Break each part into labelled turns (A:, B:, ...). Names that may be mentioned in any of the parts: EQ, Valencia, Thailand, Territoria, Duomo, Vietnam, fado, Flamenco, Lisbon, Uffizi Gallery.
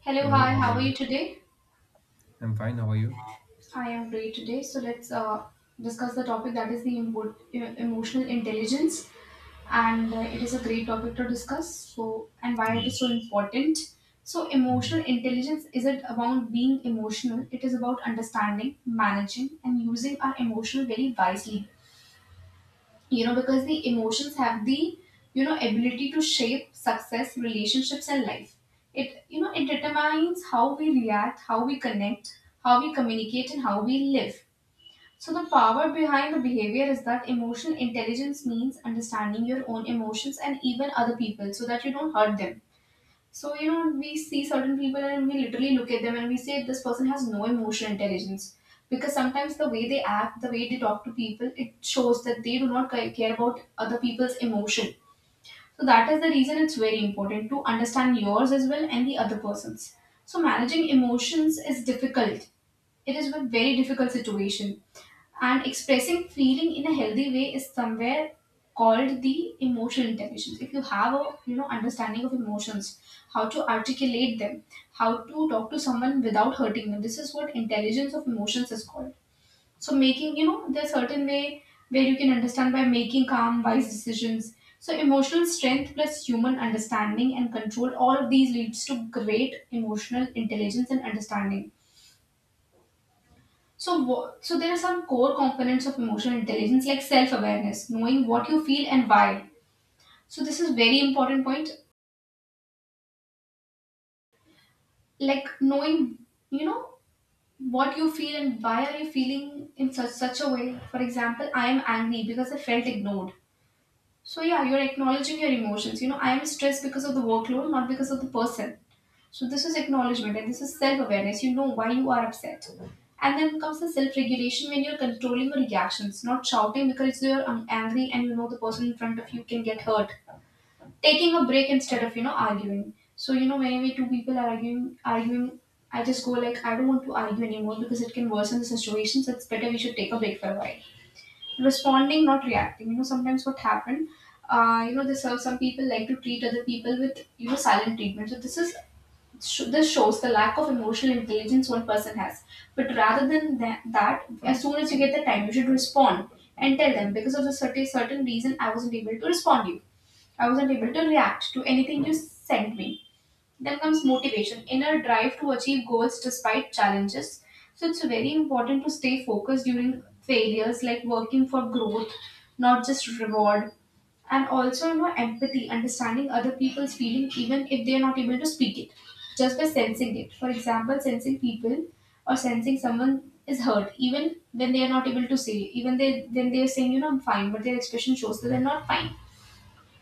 A: Hello,
B: Hello,
A: hi,
B: how
A: how
B: are
A: are you
B: you?
A: today?
B: I'm fine. How are you?
A: I am great today. So let's discuss the topic that is the emotional intelligence, and it is a great topic to discuss. So and why it is
B: Yes.
A: so important. So emotional
B: Mhm.
A: intelligence isn't about being emotional. It is about understanding, managing, and using our emotion very wisely. Because the emotions have the ability to shape success relationships and life, it you know it determines how we react, how we connect, how we communicate and how we live. So the power behind the behavior is that emotional intelligence means understanding your own emotions and even other people so that you don't hurt them. So, you know, we see certain people and we literally look at them and we say this person has no emotional intelligence. Because sometimes the way they act, the way they talk to people, it shows that they do not care about other people's emotion. So, that is the reason it's very important to understand yours as well and the other person's. So, managing emotions is difficult. It is a very difficult situation, and expressing feeling in a healthy way is somewhere called the emotional intelligence. If you have a understanding of emotions, how to articulate them, how to talk to someone without hurting them, this is what intelligence of emotions is called. So making there's certain way where you can understand by making calm, wise decisions. So emotional strength plus human understanding and control, all of these leads to great emotional intelligence and understanding. So, so there are some core components of emotional intelligence like self-awareness, knowing what you feel and why. So this is very important point, like knowing, you know, what you feel and why are you feeling in such a way. For example, I am angry because I felt ignored. So yeah, you're acknowledging your emotions. You know, I am stressed because of the workload, not because of the person. So this is acknowledgement and this is self-awareness. You know why you are upset. And then comes the self-regulation when you're controlling your reactions, not shouting because you're angry and you know the person in front of you can get hurt. Taking a break instead of arguing. So you know whenever two people are arguing, I just go like I don't want to argue anymore because it can worsen the situation. So it's better we should take a break for a while, responding, not reacting. You know, sometimes what happened, you know, this some people like to treat other people with silent treatment. So this is this shows the lack of emotional intelligence one person has. But rather than that, as soon as you get the time, you should respond and tell them because of the certain reason I wasn't able to respond to you. I wasn't able to react to anything you sent me. Then comes motivation, inner drive to achieve goals despite challenges. So it's very important to stay focused during failures, like working for growth, not just reward. And also, you know, empathy, understanding other people's feeling, even if they are not able to speak it, just by sensing it. For example, sensing people or sensing someone is hurt, even when they are not able to say, even they when they are saying, you know, I'm fine, but their expression shows that they're not fine.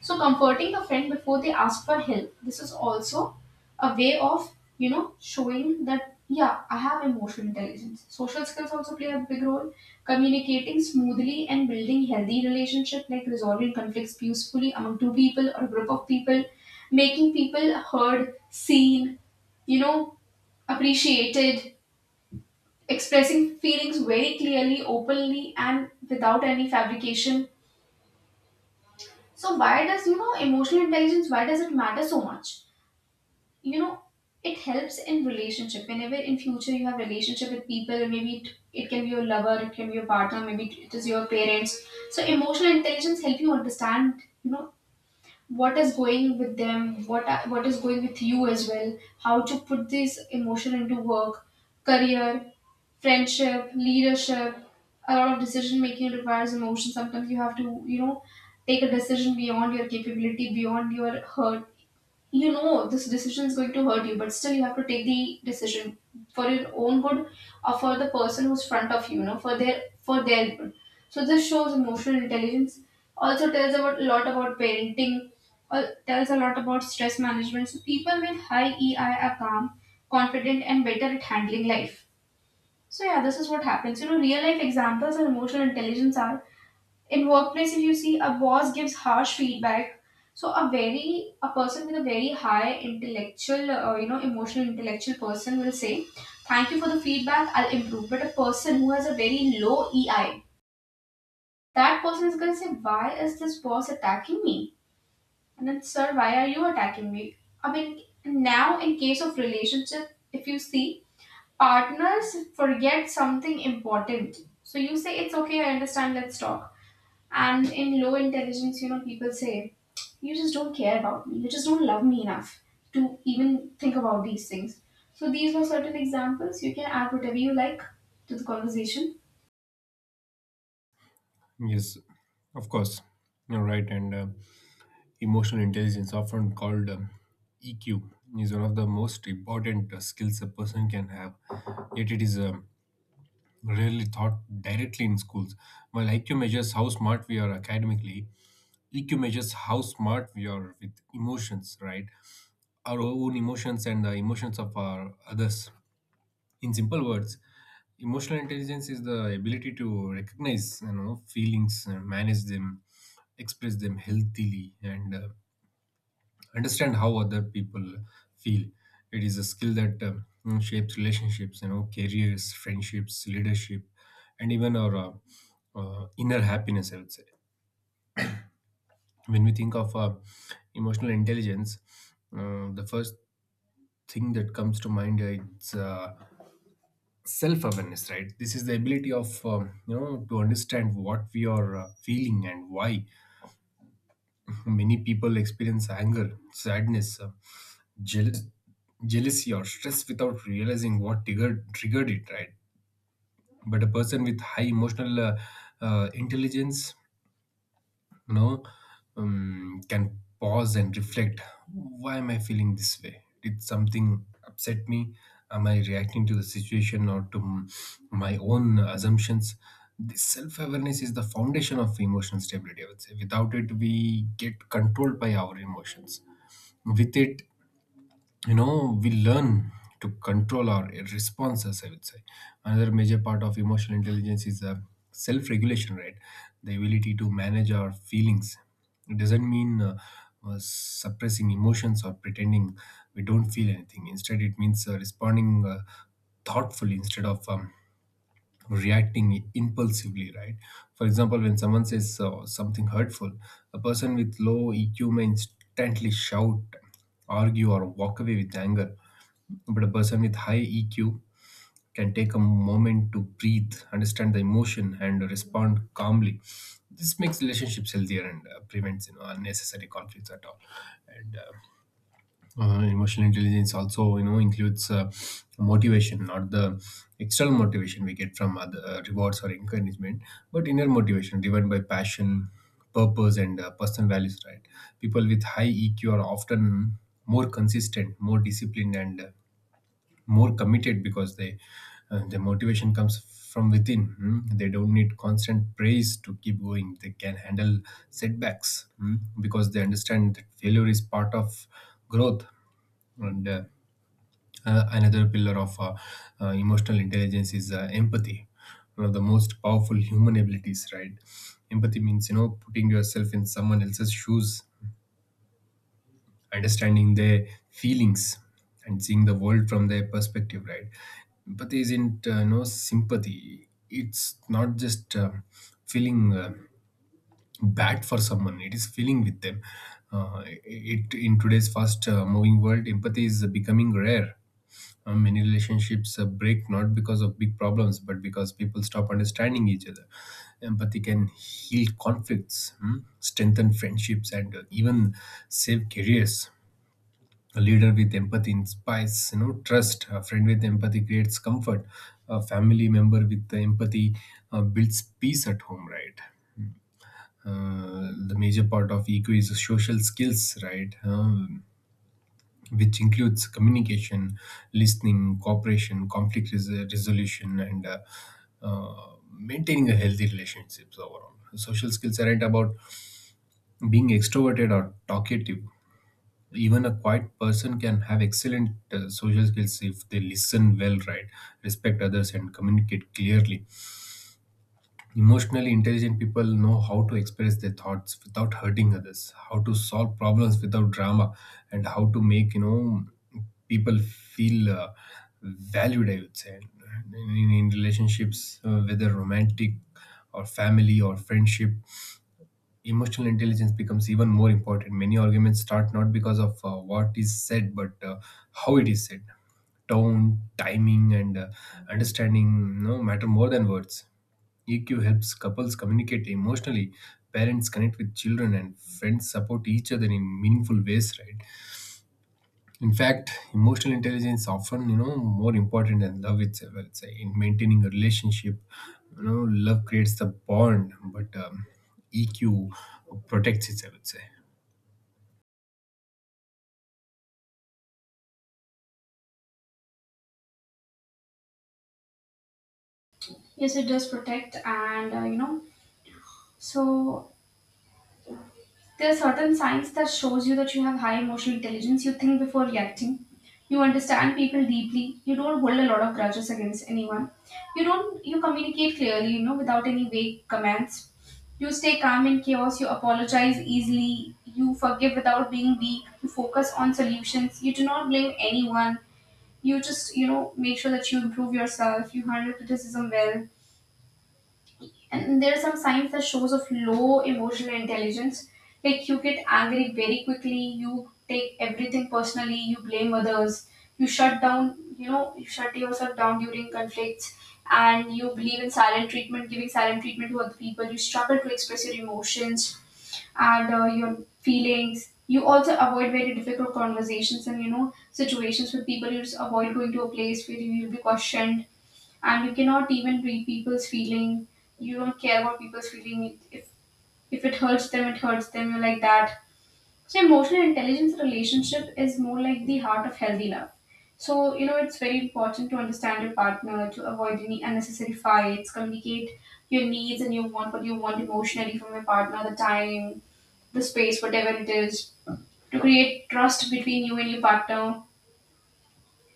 A: So comforting a friend before they ask for help, this is also a way of, you know, showing that yeah, I have emotional intelligence. Social skills also play a big role. Communicating smoothly and building healthy relationship like resolving conflicts peacefully among two people or a group of people, making people heard, seen, you know, appreciated, expressing feelings very clearly, openly and without any fabrication. So why does emotional intelligence, why does it matter so much? you know it helps in relationship. Whenever in future you have relationship with people, maybe it can be your lover, it can be your partner, maybe it is your parents. So emotional intelligence help you understand, you know, what is going with them, what is going with you as well, how to put this emotion into work, career, friendship, leadership. A lot of decision making requires emotion. Sometimes you have to, you know, take a decision beyond your capability, beyond your hurt. You know this decision is going to hurt you, but still you have to take the decision for your own good, or for the person who's front of you, you know, for their good. So this shows emotional intelligence, also tells about a lot about parenting or tells a lot about stress management. So people with high EI are calm, confident and better at handling life. So yeah, this is what happens. You know, real life examples of emotional intelligence are, in workplace, if you see a boss gives harsh feedback, so a person with a very high intellectual, you know, emotional intellectual person will say thank you for the feedback, I'll improve. But a person who has a very low EI, that person is going to say why is this boss attacking me, and then sir why are you attacking me. I mean, now in case of relationship, if you see partners forget something important, so you say it's okay, I understand, let's talk. And in low intelligence, you know, people say, you just don't care about me. You just don't love me enough to even think about these things. So these were certain examples. You can add whatever you like to the conversation.
B: Yes, of course. You're right. And Emotional intelligence, often called EQ, is one of the most important skills a person can have. Yet it is rarely taught directly in schools. While IQ measures how smart we are academically, EQ measures how smart we are with emotions, right? Our own emotions and the emotions of our others. In simple words, emotional intelligence is the ability to recognize you know feelings and manage them, express them healthily, and understand how other people feel. It is a skill that, you know, shapes relationships, you know, careers, friendships, leadership, and even our inner happiness, I would say. When we think of emotional intelligence, the first thing that comes to mind is self-awareness, right? This is the ability of, you know, to understand what we are feeling and why. Many people experience anger, sadness, jealous, jealousy, or stress without realizing what triggered it, right? But a person with high emotional intelligence, you know, can pause and reflect. Why am I feeling this way? Did something upset me? Am I reacting to the situation or to my own assumptions? This self-awareness is the foundation of emotional stability, I would say. Without it we get controlled by our emotions. With it, you know, we learn to control our responses, I would say. Another major part of emotional intelligence is self-regulation, right? The ability to manage our feelings. It doesn't mean suppressing emotions or pretending we don't feel anything. Instead it means responding thoughtfully instead of reacting impulsively, right? For example, when someone says something hurtful, a person with low EQ may instantly shout, argue, or walk away with anger. But a person with high EQ can take a moment to breathe, understand the emotion, and respond calmly. This makes relationships healthier and prevents you know unnecessary conflicts at all. And Emotional intelligence also you know includes motivation, not the external motivation we get from other rewards or encouragement, but inner motivation driven by passion, purpose, and personal values. Right? People with high EQ are often more consistent, more disciplined, and more committed because they their motivation comes from within. Mm. They don't need constant praise to keep going. They can handle setbacks, because they understand that failure is part of growth. And Another pillar of emotional intelligence is empathy, one of the most powerful human abilities, right? Empathy means, you know, putting yourself in someone else's shoes, understanding their feelings, and seeing the world from their perspective, right? Empathy isn't no sympathy. It's not just feeling bad for someone. It is feeling with them. It, in today's fast moving world, empathy is becoming rare. Many relationships break, not because of big problems, but because people stop understanding each other. Empathy can heal conflicts, strengthen friendships, and even save careers. A leader with empathy inspires, you know, trust. A friend with empathy creates comfort. A family member with the empathy builds peace at home, right? The major part of EQ is social skills, right? Which includes communication, listening, cooperation, resolution, and uh, maintaining a healthy relationships overall. Social skills aren't about being extroverted or talkative. Even a quiet person can have excellent social skills if they listen well, right? Respect others and communicate clearly. Emotionally intelligent people know how to express their thoughts without hurting others, how to solve problems without drama, and how to make, you know, people feel valued, I would say. in, in relationships, whether romantic or family or friendship, emotional intelligence becomes even more important. Many arguments start not because of what is said, but how it is said. Tone, timing, and understanding, you know, matter more than words. EQ helps couples communicate emotionally, parents connect with children, and friends support each other in meaningful ways, right? In fact, emotional intelligence is often, you know, more important than love itself, I would say, in maintaining a relationship. You know, love creates the bond, but, EQ protects it, I would say.
A: Yes, it does protect, and you know, so there are certain signs that shows you that you have high emotional intelligence. You think before reacting. You understand people deeply. You don't hold a lot of grudges against anyone. You don't, you communicate clearly, you know, without any vague commands. You stay calm in chaos, you apologize easily, you forgive without being weak, you focus on solutions, you do not blame anyone, you just, you know, make sure that you improve yourself, you handle criticism well, and there are some signs that shows of low emotional intelligence, like you get angry very quickly, you take everything personally, you blame others, you shut down, you know, you shut yourself down during conflicts and you believe in silent treatment, giving silent treatment to other people. You struggle to express your emotions and your feelings. You also avoid very difficult conversations and, you know, situations with people. You just avoid going to a place where you will be questioned, and you cannot even read people's feeling. You don't care about people's feeling. If it hurts them, it hurts them. You're like that. So emotional intelligence in relationship is more like the heart of healthy love. So you know it's very important to understand your partner to avoid any unnecessary fights. Communicate your needs and you want what you want emotionally from your partner. The time, the space, whatever it is, to create trust between you and your partner.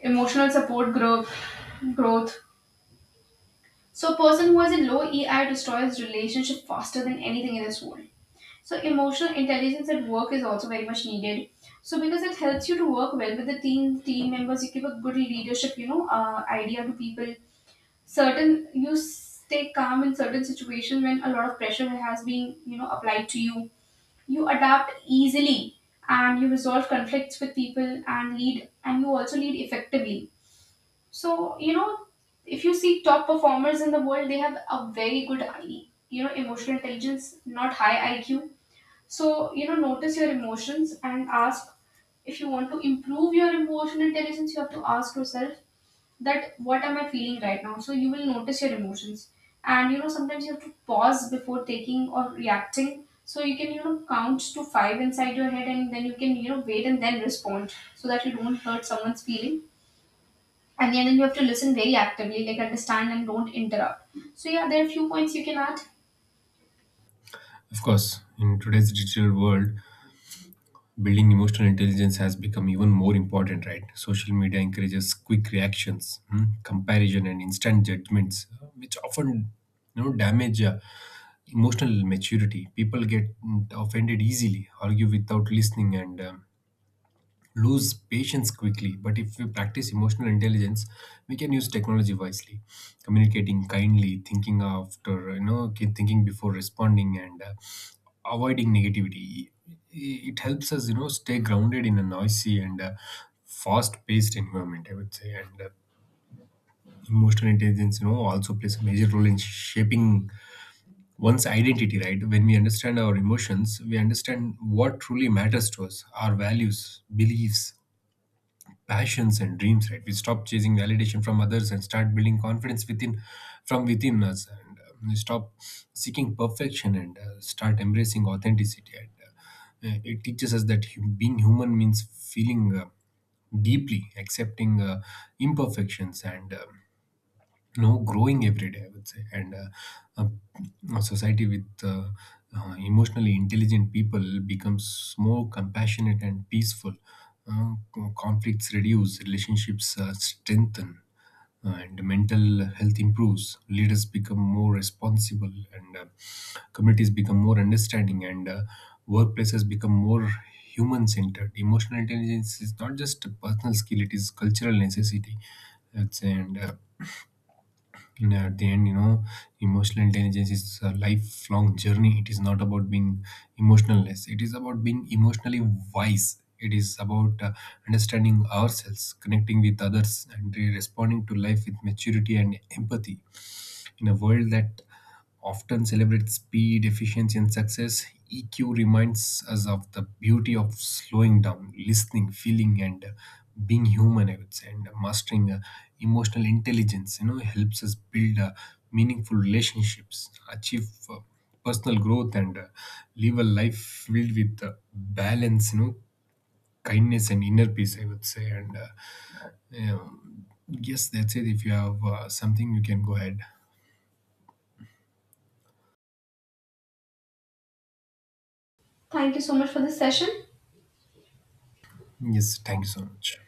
A: Emotional support group growth. So, a person who has a low EI destroys relationship faster than anything in this world. So, emotional intelligence at work is also very much needed. So, because it helps you to work well with the team, team members, you give a good leadership, you know, idea to people. Certain, you stay calm in certain situations when a lot of pressure has been, you know, applied to you. You adapt easily and you resolve conflicts with people and lead, and you also lead effectively. So, you know, if you see top performers in the world, they have a very good, you know, emotional intelligence, not high IQ. So, you know, notice your emotions and ask, if you want to improve your emotional intelligence, you have to ask yourself that what am I feeling right now? So, you will notice your emotions. And, you know, sometimes you have to pause before taking or reacting. So, you can, you know, count to five inside your head and then you can, you know, wait and then respond so that you don't hurt someone's feeling, and then you have to listen very actively, like understand and don't interrupt. So yeah, there are a few points you can add.
B: Of course, in today's digital world, building emotional intelligence has become even more important, right? Social media encourages quick reactions, comparison, and instant judgments, which often you know damage emotional maturity. People get, offended easily, argue without listening, and lose patience quickly. But if we practice emotional intelligence, we can use technology wisely, communicating kindly, thinking after, you know, thinking before responding, and avoiding negativity. It helps us, you know, stay grounded in a noisy and fast-paced environment, I would say. And emotional intelligence, you know, also plays a major role in shaping one's identity. Right? When we understand our emotions, we understand what truly matters to us, our values, beliefs, passions, and dreams, right? We stop chasing validation from others and start building confidence within, from within us, and we stop seeking perfection and start embracing authenticity, and it teaches us that being human means feeling deeply, accepting imperfections, and, you know, growing every day, I would say. A society with emotionally intelligent people becomes more compassionate and peaceful. Conflicts reduce, relationships strengthen, and mental health improves. Leaders become more responsible, and communities become more understanding, and workplaces become more human centered. Emotional intelligence is not just a personal skill, it is cultural necessity, let's say. And and at the end, you know, emotional intelligence is a lifelong journey. It is not about being emotionless. It is about being emotionally wise. It is about, understanding ourselves, connecting with others, and responding to life with maturity and empathy. In a world that often celebrates speed, efficiency, and success, EQ reminds us of the beauty of slowing down, listening, feeling, and being human, I would say. And mastering emotional intelligence, you know, helps us build meaningful relationships, achieve personal growth, and live a life filled with balance, you know, kindness, and inner peace, I would say. And Yes, that's it. If you have something, you can go ahead.
A: Thank you so much for this session.
B: Yes, thank you so much.